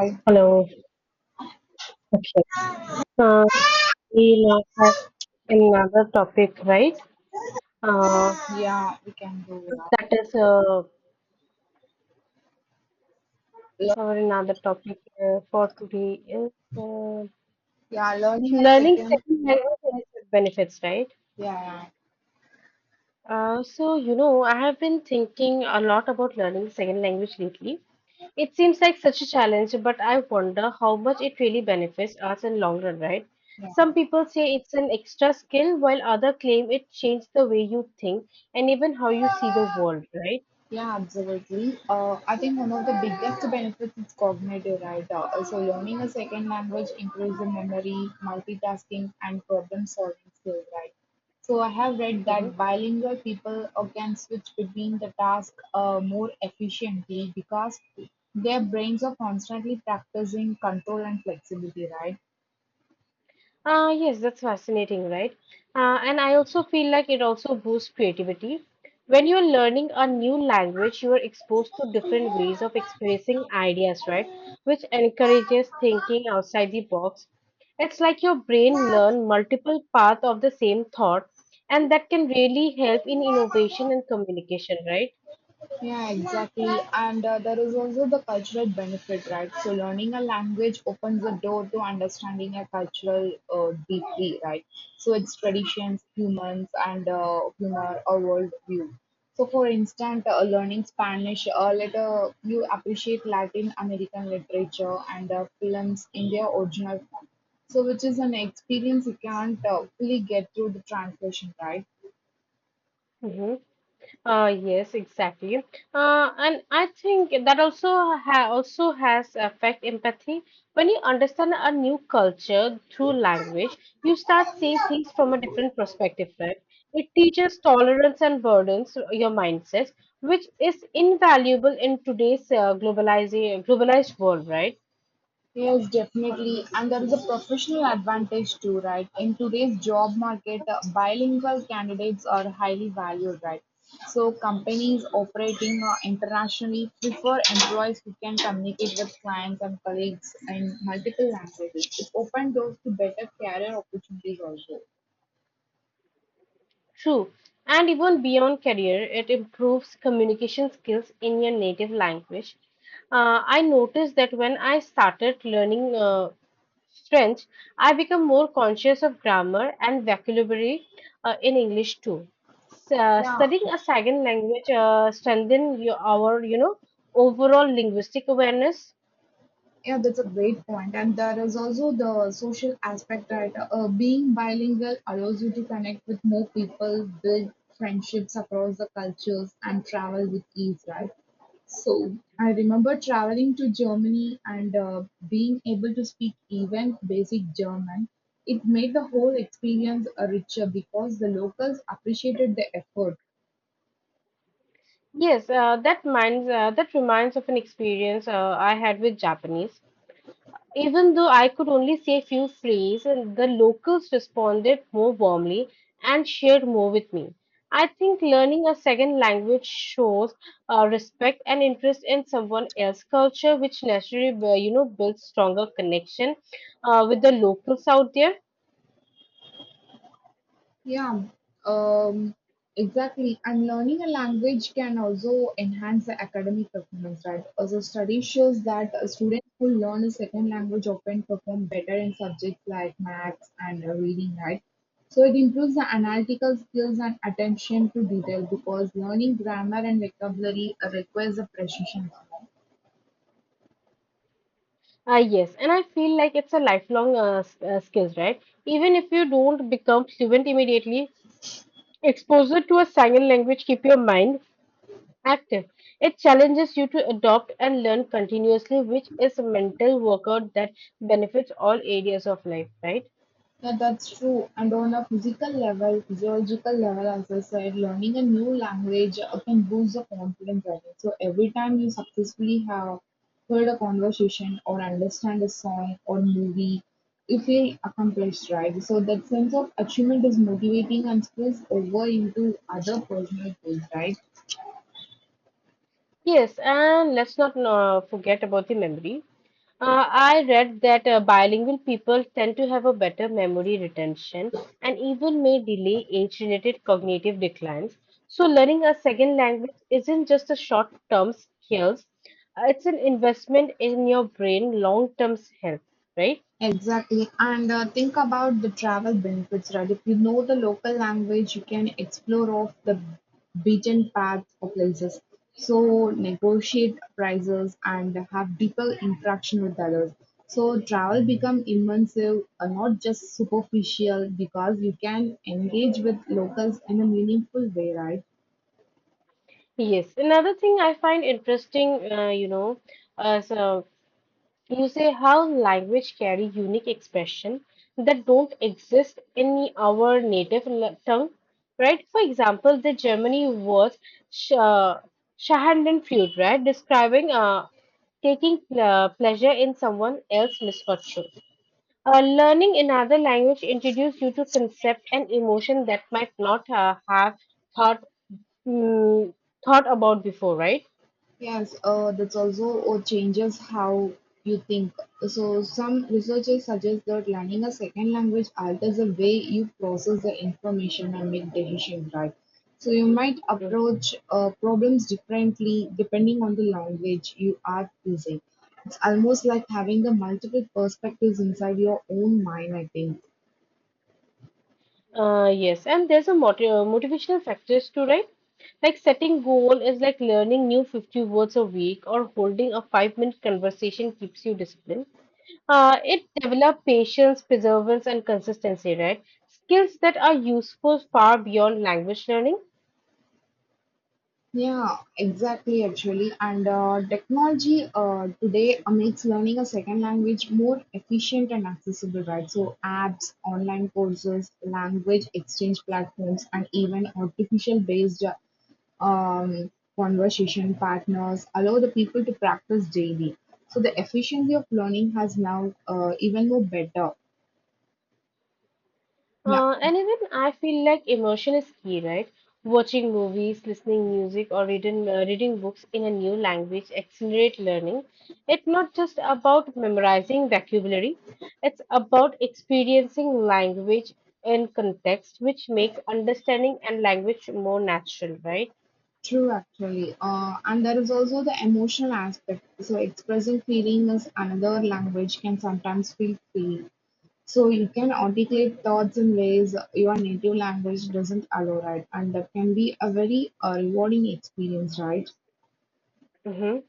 I, Hello. Okay. Uh, we now have another topic, right? Uh, yeah, we can do that. that is Le- Our another topic for today is uh, yeah, learning a learning second. second language and its benefits, right? Yeah, I have been thinking a lot about learning second language lately. It seems like such a challenge, but I wonder how much it really benefits us in long run, right? yeah, yeah, Some people say it's an extra skill, while others claim it changed the way you think and even how you see the world, right? yeah, absolutely. I think one of the biggest benefits is cognitive, right? So learning a second language improves the memory, multitasking, and problem solving skills, right? So, I have read Mhm. that bilingual people can switch between the tasks more efficiently because their brains are constantly practicing control and flexibility, right? Yes, that's fascinating, right? And I also feel like it also boosts creativity. When you're learning a new language, you are exposed to different ways of expressing ideas, right? Which encourages thinking outside the box. It's like your brain learn multiple paths of the same thought, and that can really help in innovation and communication, right? Yeah, exactly. And there is also the cultural benefit, right? So learning a language opens the door to understanding a cultural deeply, right? So its traditions, humans, and humor or worldview. So, for instance, learning Spanish, later you appreciate Latin American literature and films in their original form. So, which is an experience you can't fully get through the translation, right? Mm-hmm. Yes, exactly. And I think that also ha also has affect empathy. When you understand a new culture through language, you start seeing things from a different perspective, right? It teaches tolerance and burdens your mindsets, which is invaluable in today's globalizing globalized world, right? Yes, definitely. And there is a professional advantage too, right? In today's job market, bilingual candidates are highly valued, right? So companies operating internationally prefer employees who can communicate with clients and colleagues in multiple languages. It opens doors to better career opportunities also. True. And even beyond career, it improves communication skills in your native language. I noticed that when I started learning French, I become more conscious of grammar and vocabulary in English too. Yeah, Studying a second language strengthen our overall linguistic awareness. Yeah. That's a great point. And there is also the social aspect, right? Being bilingual allows you to connect with more people, build friendships across the cultures, and travel with ease, right? So, I remember traveling to Germany and being able to speak even basic German. It made the whole experience richer because the locals appreciated the effort. Yes, that reminds of an experience I had with Japanese. Even though I could only say a few phrases, and the locals responded more warmly and shared more with me. I think learning a second language shows respect and interest in someone else's culture, which naturally, builds stronger connection with the locals out there. Yeah, um, exactly. And learning a language can also enhance the academic performance, right? Also, study shows that students who learn a second language often perform better in subjects like maths and reading, right? So it improves the analytical skills and attention to detail because learning grammar and vocabulary requires a precision. Yes, and I feel like it's a lifelong skills, right? Even if you don't become fluent immediately, exposure to a second language keep your mind active. It challenges you to adopt and learn continuously, which is a mental workout that benefits all areas of life, right? Yeah, that's true. And on a physical level, physiological level, as I said, learning a new language can boost the confidence level. So every time you successfully have heard a conversation or understand a song or movie, you feel accomplished, right? So that sense of achievement is motivating and spills over into other personal goals, right? Yes, and let's not forget about the memory. I read that bilingual people tend to have a better memory retention and even may delay age-related cognitive declines. So, learning a second language isn't just a short-term skills; it's an investment in your brain long-term health, right? Exactly. And think about the travel benefits, right? If you know the local language, you can explore off the beaten path of places. So negotiate prices and have deeper interaction with others. So travel become immersive, not just superficial, because you can engage with locals in a meaningful way, right? Yes, another thing I find interesting, uh, so you say how language carry unique expression that don't exist in our native tongue, right? For example, the Germany was sh Schadenfreude, right? Describing taking pleasure in someone else's misfortune. Learning another language introduces you to concept and emotion that might not have thought mm, thought about before, right? Yes, that's also changes how you think. So, some researchers suggest that learning a second language alters the way you process the information and make decisions, right? So, you might approach problems differently depending on the language you are using. It's almost like having the multiple perspectives inside your own mind, I think. Yes, and there's a motivational factors too, right? Like setting goal is like learning new 50 words a week or holding a 5 minute conversation keeps you disciplined. It develop patience, perseverance, and consistency, right? Skills that are useful far beyond language learning. Yeah, exactly, actually. And technology today makes learning a second language more efficient and accessible, right? So, apps, online courses, language exchange platforms, and even artificial based conversation partners allow the people to practice daily. So, the efficiency of learning has now even more better. Now, And even I feel like immersion is key, right? Watching movies, listening music, or reading books in a new language accelerate learning. It's not just about memorizing vocabulary; it's about experiencing language in context, which makes understanding and language more natural, right? true, actually. And there is also the emotional aspect. So, expressing feeling is another language can sometimes feel freeing. So, you can articulate thoughts in ways your native language doesn't allow, right? And that can be a very rewarding experience, right? Mm-hmm.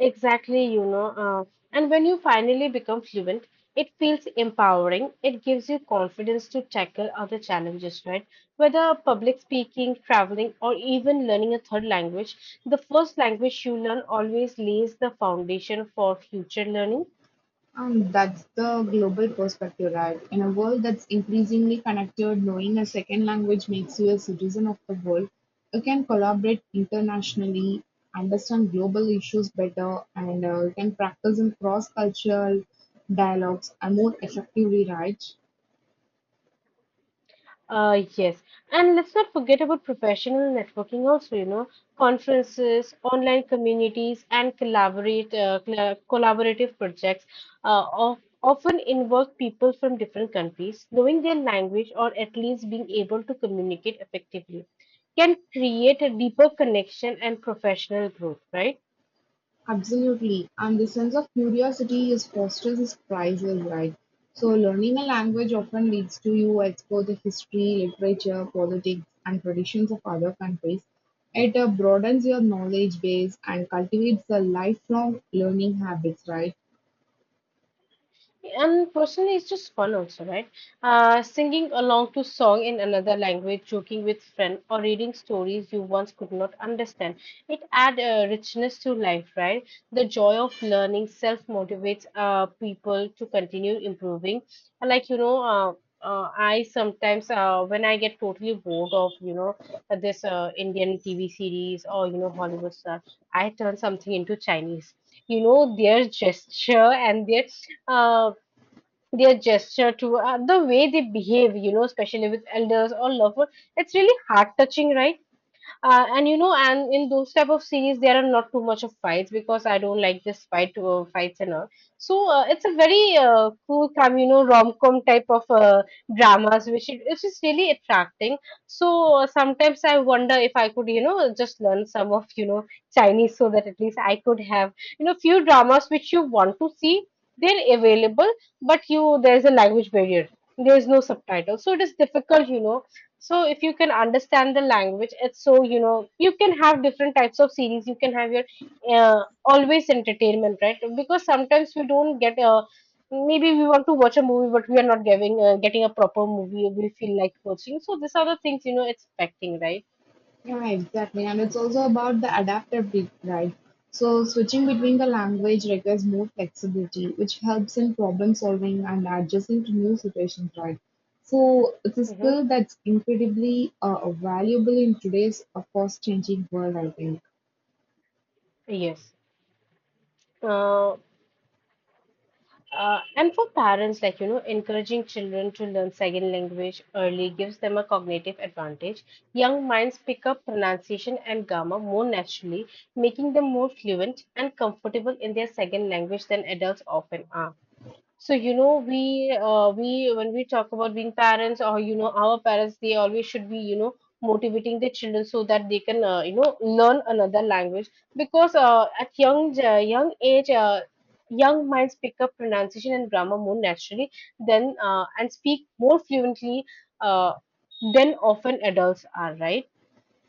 Exactly, you know. And when you finally become fluent, it feels empowering. It gives you confidence to tackle other challenges, right? Whether public speaking, traveling, or even learning a third language, the first language you learn always lays the foundation for future learning. And that's the global perspective, right? In a world that's increasingly connected, knowing a second language makes you a citizen of the world. You can collaborate internationally, understand global issues better, and you can practice in cross cultural dialogues and more effectively, right? Yes. And let's not forget about professional networking also, you know, conferences, online communities, and collaborative projects often involve people from different countries. Knowing their language or at least being able to communicate effectively can create a deeper connection and professional growth, right? Absolutely. And the sense of curiosity is fosters is priceless, right? So learning a language often leads to you explore the history, literature, politics, and traditions of other countries. It broadens your knowledge base and cultivates a lifelong learning habits, right? And personally, it's just fun also, right? Singing along to song in another language, joking with friend, or reading stories you once could not understand. It add a richness to life, right? The joy of learning self motivates people to continue improving. And like you know, I sometimes when I get totally bored of you know this Indian TV series or you know Hollywood stuff, I turn something into Chinese. You know their gesture and uh, their gesture to the way they behave, you know, especially with elders or loved. It's really heart touching, right? And you know, and in those type of series, there are not too much of fights because I don't like this fights and all. So it's a very cool come, you know, rom com type of dramas, which is really attracting. So sometimes I wonder if I could, you know, just learn some of you know Chinese so that at least I could have you know few dramas which you want to see. They're available, but you there's a language barrier. There's no subtitle, so it is difficult, you know, so if you can understand the language it's so you know you can have different types of series, you can have your always entertainment, right? Because sometimes we don't get maybe we want to watch a movie but we are not giving getting a proper movie we feel like watching, so these are the things you know it's affecting, right? Yeah, exactly. And it's also about the adaptability, right? So switching between the language requires more flexibility, which helps in problem solving and adjusting to new situations, right? So it's a Mm-hmm. skill that's incredibly valuable in today's fast-changing world, I think. Yes. Uh, and for parents, like, you know, encouraging children to learn second language early gives them a cognitive advantage. Young minds pick up pronunciation and grammar more naturally, making them more fluent and comfortable in their second language than adults often are. So, you know, we when we talk about being parents or you know our parents, they always should be you know motivating their children so that they can you know learn another language because at young age, young minds pick up pronunciation and grammar more naturally than and speak more fluently uh, than often adults are, right?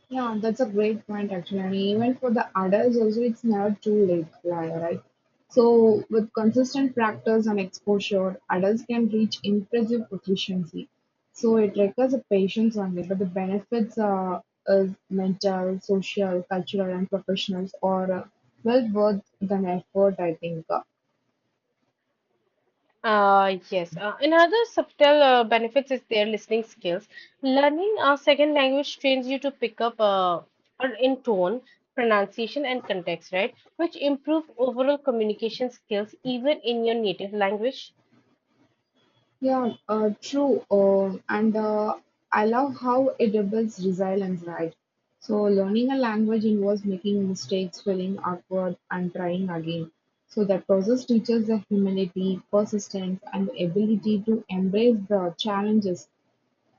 Yeah, that's a great point actually. And even for the adults also it's never too late, yeah, right? So with consistent practice and exposure, adults can reach impressive proficiency. So it requires a patience only, but the benefits are, is mental, social, cultural and professionals are well worth the effort, I think. Yes. Another subtle benefits is their listening skills. Learning a second language trains you to pick up or in tone, pronunciation, and context, right? Which improve overall communication skills even in your native language. Yeah, true. And I love how it rebuilds resilience, right? So, learning a language involves making mistakes, feeling awkward, and trying again. So, that process teaches the humility, persistence, and the ability to embrace the challenges.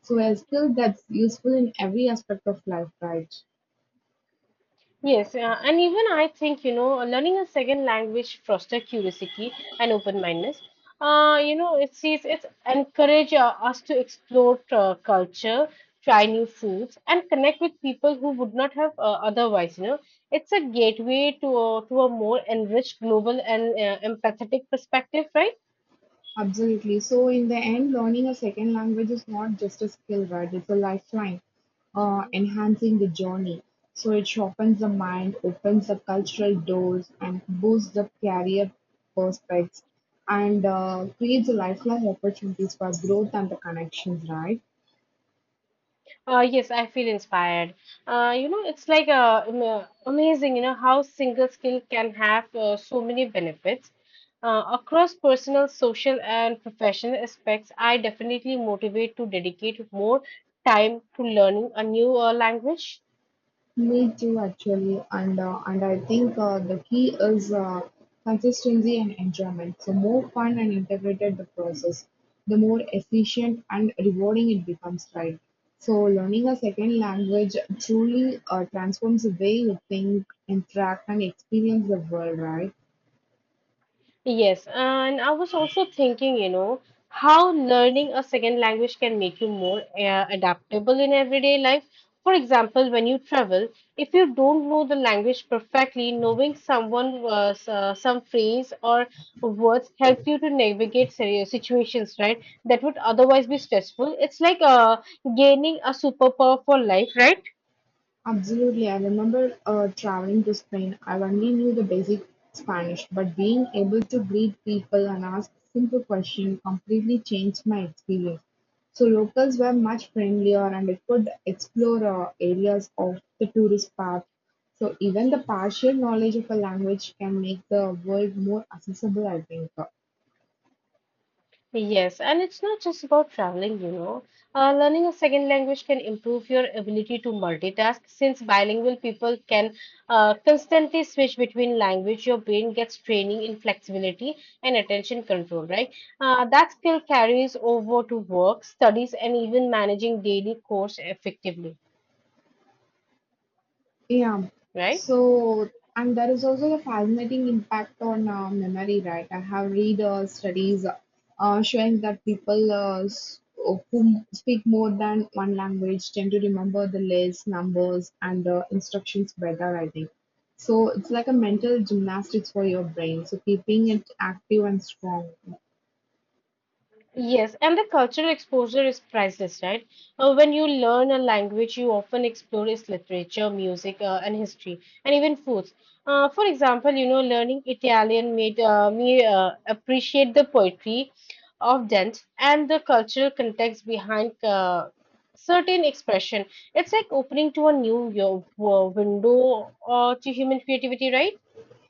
So, a skill that's useful in every aspect of life, right? Yes, and even I think, you know, learning a second language foster curiosity and open-mindedness. You know, it's encourage us to explore culture, try new foods, and connect with people who would not have otherwise. You know, it's a gateway to a more enriched global and empathetic perspective, right? Absolutely. So in the end, learning a second language is not just a skill, right? It's a lifeline, enhancing the journey. So it sharpens the mind, opens the cultural doors, and boosts the career prospects, and creates a lifelong opportunities for growth and the connections, right? Yes, I feel inspired. You know, it's like amazing, you know, how single skill can have so many benefits. Across personal, social, and professional aspects, I definitely motivate to dedicate more time to learning a new language. Me too, actually, and I think the key is consistency and enjoyment. So more fun and integrated the process, the more efficient and rewarding it becomes, right? So learning a second language truly transforms the way you think, interact, and experience the world, right? Yes, and I was also thinking, you know, how learning a second language can make you more adaptable in everyday life. For example, when you travel, if you don't know the language perfectly, knowing someone some phrase or words helps you to navigate serious situations, right? That would otherwise be stressful. It's like gaining a superpower for life, right? Absolutely, I remember traveling to Spain. I only knew the basic Spanish, but being able to greet people and ask simple questions completely changed my experience. So locals were much friendlier and it could explore areas of the tourist path. So even the partial knowledge of a language can make the world more accessible, I think. Yes, and it's not just about traveling, you know. Learning a second language can improve your ability to multitask. Since bilingual people can constantly switch between language, your brain gets training in flexibility and attention control, right? That skill carries over to work, studies, and even managing daily chores effectively, Yeah. right? So, and there is also the fascinating impact on memory, right? I have read studies showing that people who speak more than one language tend to remember the letters, numbers, and instructions better, I think. So, it's like a mental gymnastics for your brain. So, keeping it active and strong. Yes, and the cultural exposure is priceless, right? When you learn a language, you often explore its literature, music, and history, and even foods. For example, you know, learning Italian made me appreciate the poetry of Dent and the cultural context behind certain expression. It's like opening to a new window to human creativity, right?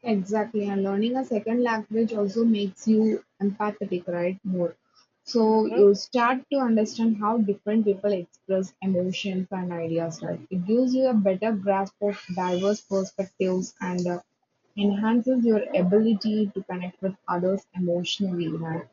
Exactly, and learning a second language also makes you empathetic, right? More. So Mhm. you start to understand how different people express emotions and ideas, right? It gives you a better grasp of diverse perspectives and enhances your ability to connect with others emotionally, right?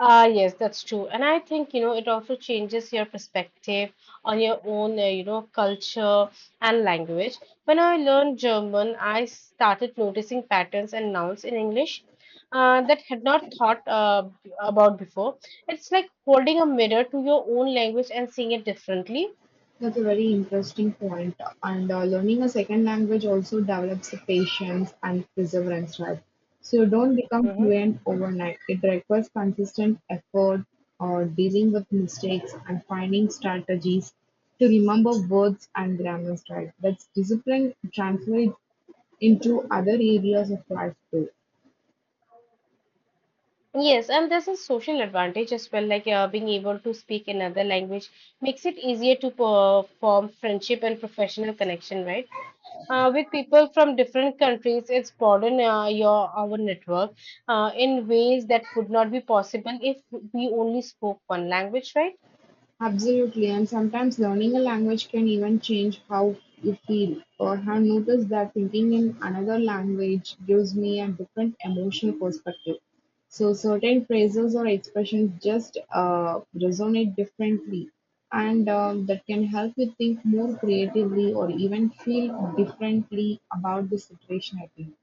Ah, yes, that's true. And I think, you know, it also changes your perspective on your own, culture and language. When I learned German, I started noticing patterns and nouns in English that had not thought about before. It's like holding a mirror to your own language and seeing it differently. That's a very interesting point. And learning a second language also develops patience and perseverance, right? So you don't become Hmm. fluent overnight. It requires consistent effort or dealing with mistakes and finding strategies to remember words and grammars, right? That's discipline translates into other areas of life too. Yes, and there's a social advantage as well, like being able to speak another language makes it easier to perform friendship and professional connection, right? Uh, with people from different countries. It's broadened your our network in ways that would not be possible if we only spoke one language, right? Absolutely, and sometimes learning a language can even change how you feel. Or have noticed that thinking in another language gives me a different emotional perspective. So certain phrases or expressions just resonate differently, and that can help you think more creatively or even feel differently about the situation. I think.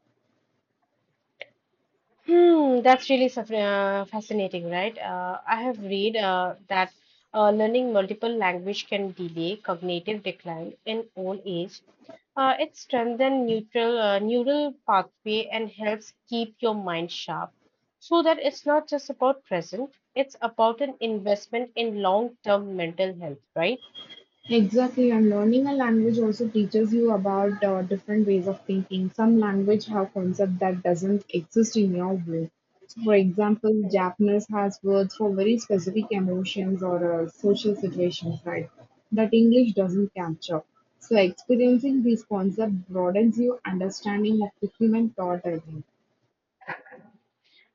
Hmm, that's really fascinating, right? I have read that learning multiple language can delay cognitive decline in old age. It strengthens neutral neural pathway and helps keep your mind sharp, so that it's not just about present; it's about an investment in long-term mental health, right? Exactly, and learning a language also teaches you about different ways of thinking. Some language have concept that doesn't exist in your brain. So, for example, Japanese has words for very specific emotions or social situations, right? That English doesn't capture. So, experiencing these concepts broadens your understanding of the human thought. I think.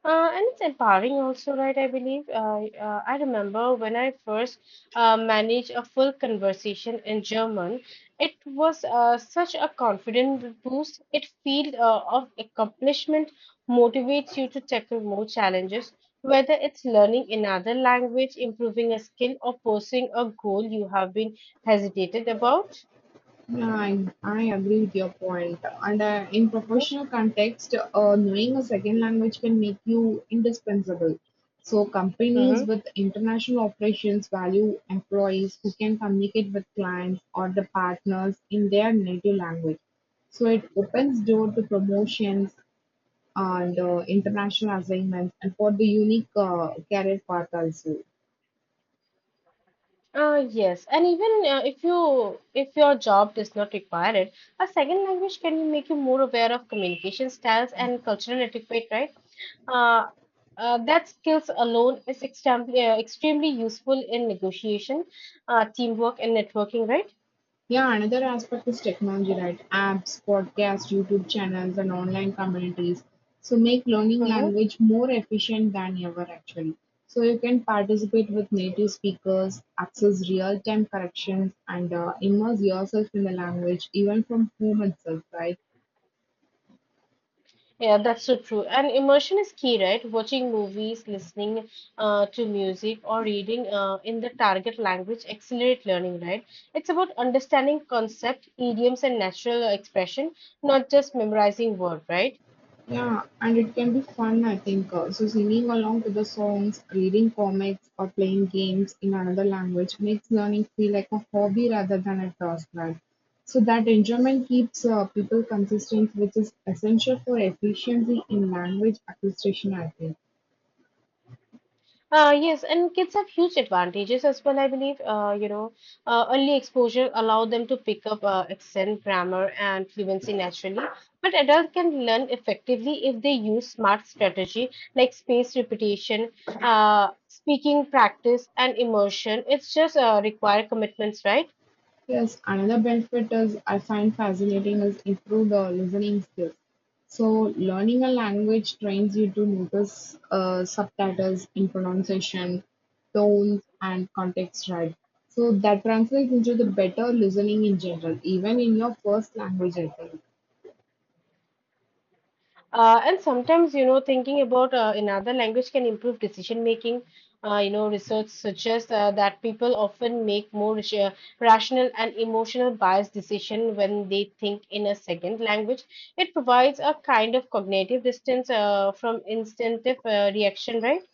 And it's empowering also, right? I believe. I remember when I first managed a full conversation in German, it was such a confidence boost. It feel of accomplishment motivates you to tackle more challenges, whether it's learning another language, improving a skill, or pursuing a goal you have been hesitated about. Yeah, I agree with your point. And in Mhm. professional context, knowing a second language can make you indispensable. So companies Mhm. with international operations value employees who can communicate with clients or the partners in their native language. So it opens door to promotions and international assignments and for the unique career path also. Yes, and even if your job does not require it, a second language can make you more aware of communication styles and cultural etiquette, right? Uh, that skills alone is extremely extremely useful in negotiation, teamwork, and networking, right? Yeah, another aspect is technology, right? Apps, podcasts, YouTube channels, and online communities. So make learning Mhm. language more efficient than ever actually. So you can participate with native speakers, access real-time corrections, and immerse yourself in the language even from home itself, right? Yeah, that's so true. And immersion is key, right? Watching movies, listening to music, or reading in the target language accelerate learning, right? It's about understanding concept, idioms, and natural expression, not just memorizing word, right? Yeah, and it can be fun, I think. So, singing along to the songs, reading comics, or playing games in another language makes learning feel like a hobby rather than a task, right? So, that enjoyment keeps people consistent, which is essential for efficiency in language acquisition, I think. Yes, and kids have huge advantages as well, I believe. You know, early exposure allow them to pick up accent, grammar, and fluency naturally. But adults can learn effectively if they use smart strategy like spaced repetition, speaking practice, and immersion. It's just require commitments, right? Yes, another benefit is I find fascinating is improved listening skills. So learning a language trains you to notice subtitles in pronunciation, tones, and context, right. So that translates into the better listening in general, even in your first language, I think. And sometimes, you know, thinking about another language can improve decision making. You know, research suggests that people often make more rational and emotional biased decision when they think in a second language. It provides a kind of cognitive distance from instinctive reaction, right?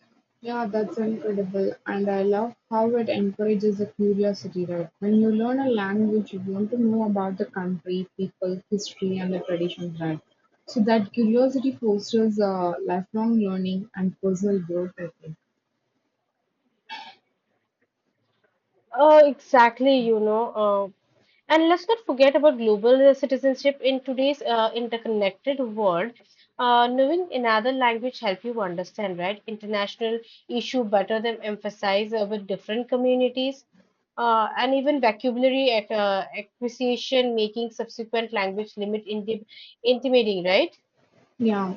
Yeah, that's incredible. And I love how it encourages a curiosity, right? When you learn a language, you want to know about the country, people, history, and the traditions, right? So that curiosity fosters lifelong learning and personal growth, I think. Exactly, you know. And let's not forget about global citizenship in today's interconnected world. Knowing another language help you understand, right? International issue better than emphasize with different communities. And even vocabulary acquisition making subsequent language limit intimidating, right? Yeah,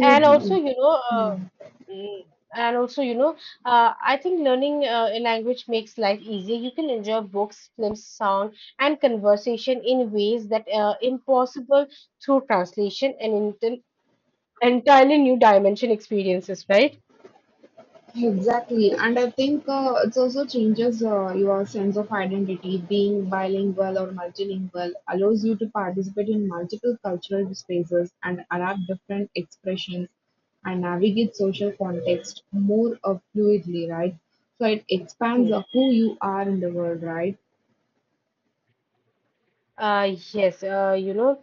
And also, you know, Yeah. mm, and also, you know, I think learning a language makes life easier. You can enjoy books, films, sound, and conversation in ways that are impossible through translation and entirely new dimension experiences, right? Exactly, and I think it also changes your sense of identity. Being bilingual or multilingual allows you to participate in multiple cultural spaces and adapt different expressions and navigate social context more fluidly, right? So it expands Yes. Who you are in the world, right? uh, yes, you know.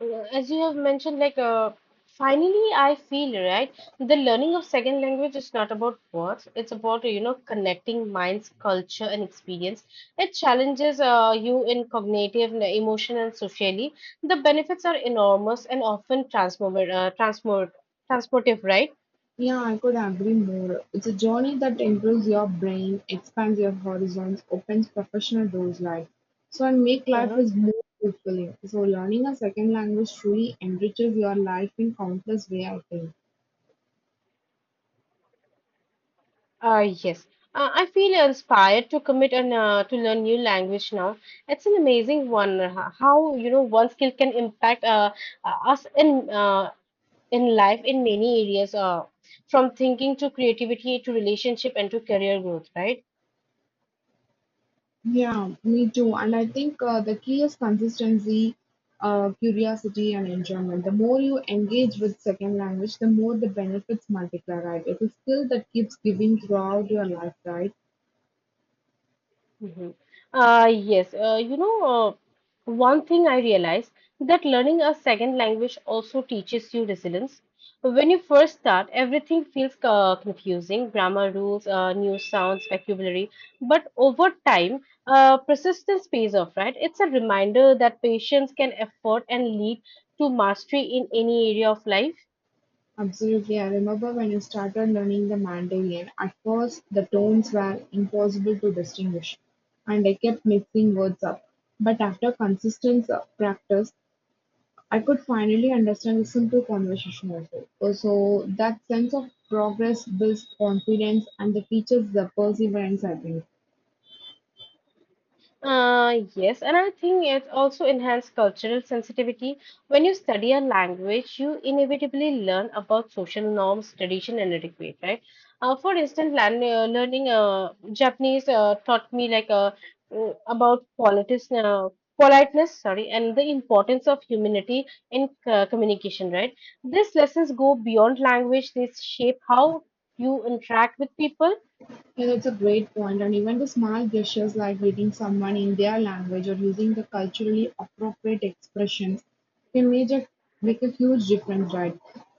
As you have mentioned, like, finally, I feel, right. The learning of second language is not about words. It's about, you know, connecting minds, culture, and experience. It challenges you in cognitive, emotional, and socially. The benefits are enormous and often transformative. Transform transportive, right? Yeah, I could agree more. It's a journey that improves your brain, expands your horizons, opens professional doors like so and make life Mm-hmm. is more fulfilling. So learning a second language truly enriches your life in countless ways, I think. Yes. I feel inspired to commit and to learn new language now. It's an amazing one. Uh, how, you know, one skill can impact us in life in many areas, from thinking to creativity to relationship and to career growth, right? Yeah, me too. And I think the key is consistency, curiosity, and enjoyment. The more you engage with second language, the more the benefits multiply, right? It's a skill that keeps giving throughout your life, right? Hmm. Yes, one thing I realized that learning a second language also teaches you resilience. When you first start, everything feels confusing grammar rules, new sounds, vocabulary. But over time, persistence pays off, right? It's a reminder that patience can effort and lead to mastery in any area of life. Absolutely, I remember when I started learning the Mandarin, at first the tones were impossible to distinguish, and I kept mixing words up. But after consistent practice, I could finally understand a simple conversation also. So that sense of progress builds confidence and the teaches the perseverance, I think. Yes, and I think it also enhances cultural sensitivity. When you study a language, you inevitably learn about social norms, tradition, and etiquette, right? For instance, learning Japanese taught me, like, about politeness, sorry, and the importance of humanity in communication, right? These lessons go beyond language; they shape how you interact with people. Yeah, that's a great point. And even the small gestures like greeting someone in their language or using the culturally appropriate expressions can make a huge difference, right?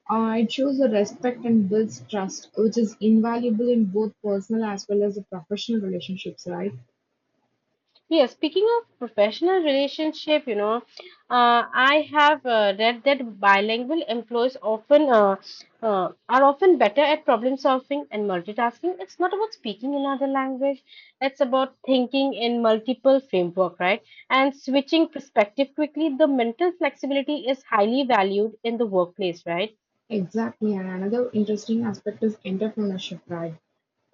It shows the respect and builds trust, which is invaluable in both personal as well as the professional relationships, right? Yeah, speaking of professional relationship, you know, I have read that bilingual employees often are often better at problem solving and multitasking. It's not about speaking another language; it's about thinking in multiple framework, right? And switching perspective quickly. The mental flexibility is highly valued in the workplace, right? Exactly, and another interesting aspect is entrepreneurship, right?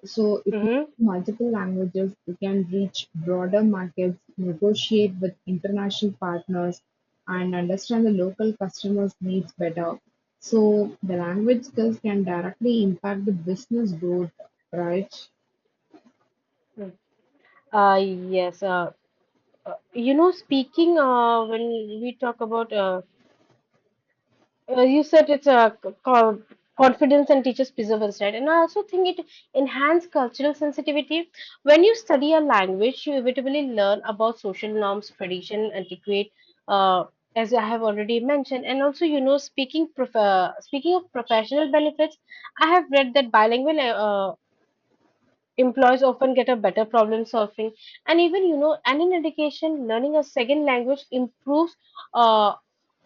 So if you Mm-hmm. know multiple languages, you can reach broader markets, negotiate with international partners, and understand the local customers' needs better. So the language skills can directly impact the business growth, right? Uh, yes. You know, speaking, when we talk about, you said it's a confidence and teaches perseverance, right? And I also think it enhances cultural sensitivity. When you study a language, you inevitably learn about social norms, tradition, antiquate, uh, as I have already mentioned. And also, you know, speaking speaking of professional benefits, I have read that bilingual employees often get a better problem solving. And even, you know, and in education, learning a second language improves uh,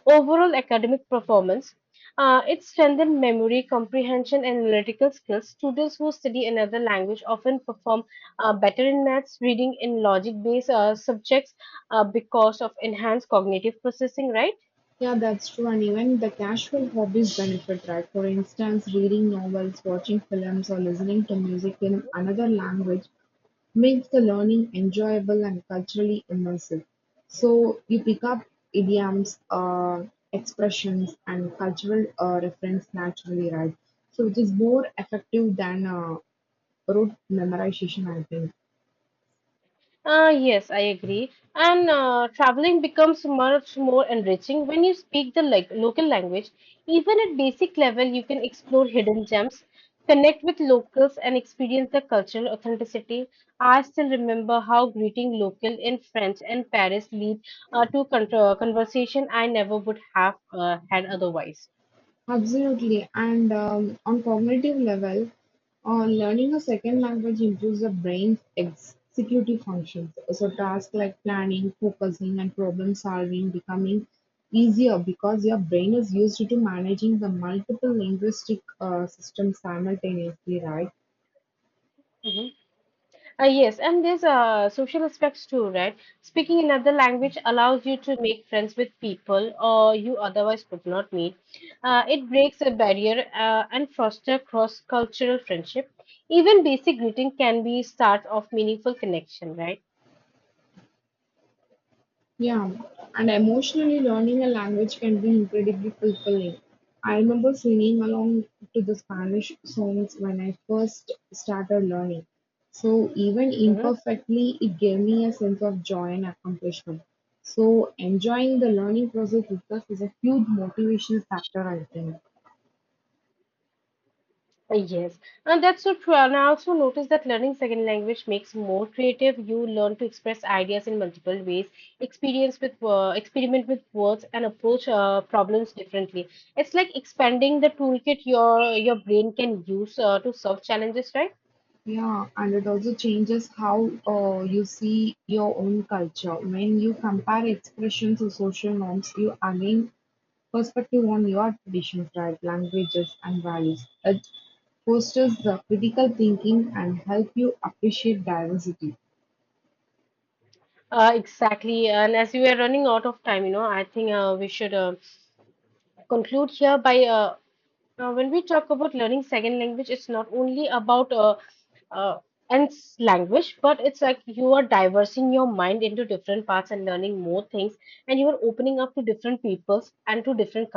overall academic performance. It strengthens memory comprehension and analytical skills. Students who study another language often perform better in maths, reading, in logic based subjects, because of enhanced cognitive processing, right? Yeah, that's true. And even the casual hobbies benefit, right? For instance, reading novels, watching films, or listening to music in another language makes the learning enjoyable and culturally immersive. So you pick up idioms, expressions, and cultural reference naturally, right? So which is more effective than rote memorization, I think. Yes, I agree. And traveling becomes much more enriching when you speak the, like, local language. Even at basic level, you can explore hidden gems, connect with locals, and experience the cultural authenticity. I still remember how greeting local in French and Paris lead to conversation I never would have had otherwise. Absolutely. And on cognitive level, learning a second language improves the brain's executive functions. So tasks like planning, focusing, and problem solving becoming easier because your brain is used to managing the multiple linguistic systems simultaneously, right? Mhm. Yes, and there's social aspects too, right? Speaking another language allows you to make friends with people or you otherwise could not meet. It breaks a barrier and foster cross-cultural friendship. Even basic greeting can be start of meaningful connection, right? Yeah, and emotionally learning a language can be incredibly fulfilling. I remember singing along to the Spanish songs when I first started learning. So, even Mhm. imperfectly, it gave me a sense of joy and accomplishment. So, enjoying the learning process itself is a huge motivation factor, I think. Yes, and that's so true. And I also noticed that learning second language makes more creative. You learn to express ideas in multiple ways, experience with, experiment with words, and approach problems differently. It's like expanding the toolkit your brain can use to solve challenges, right? Yeah, and it also changes how you see your own culture. When you compare expressions to social norms, you again perspective on your traditions, diet, languages, and values. It fosters the critical thinking and help you appreciate diversity. Exactly. And as we are running out of time, you know, I think we should, conclude here by, now, when we talk about learning second language, it's not only about, uh, language, but it's like you are diversing your mind into different parts and learning more things, and you are opening up to different peoples and to different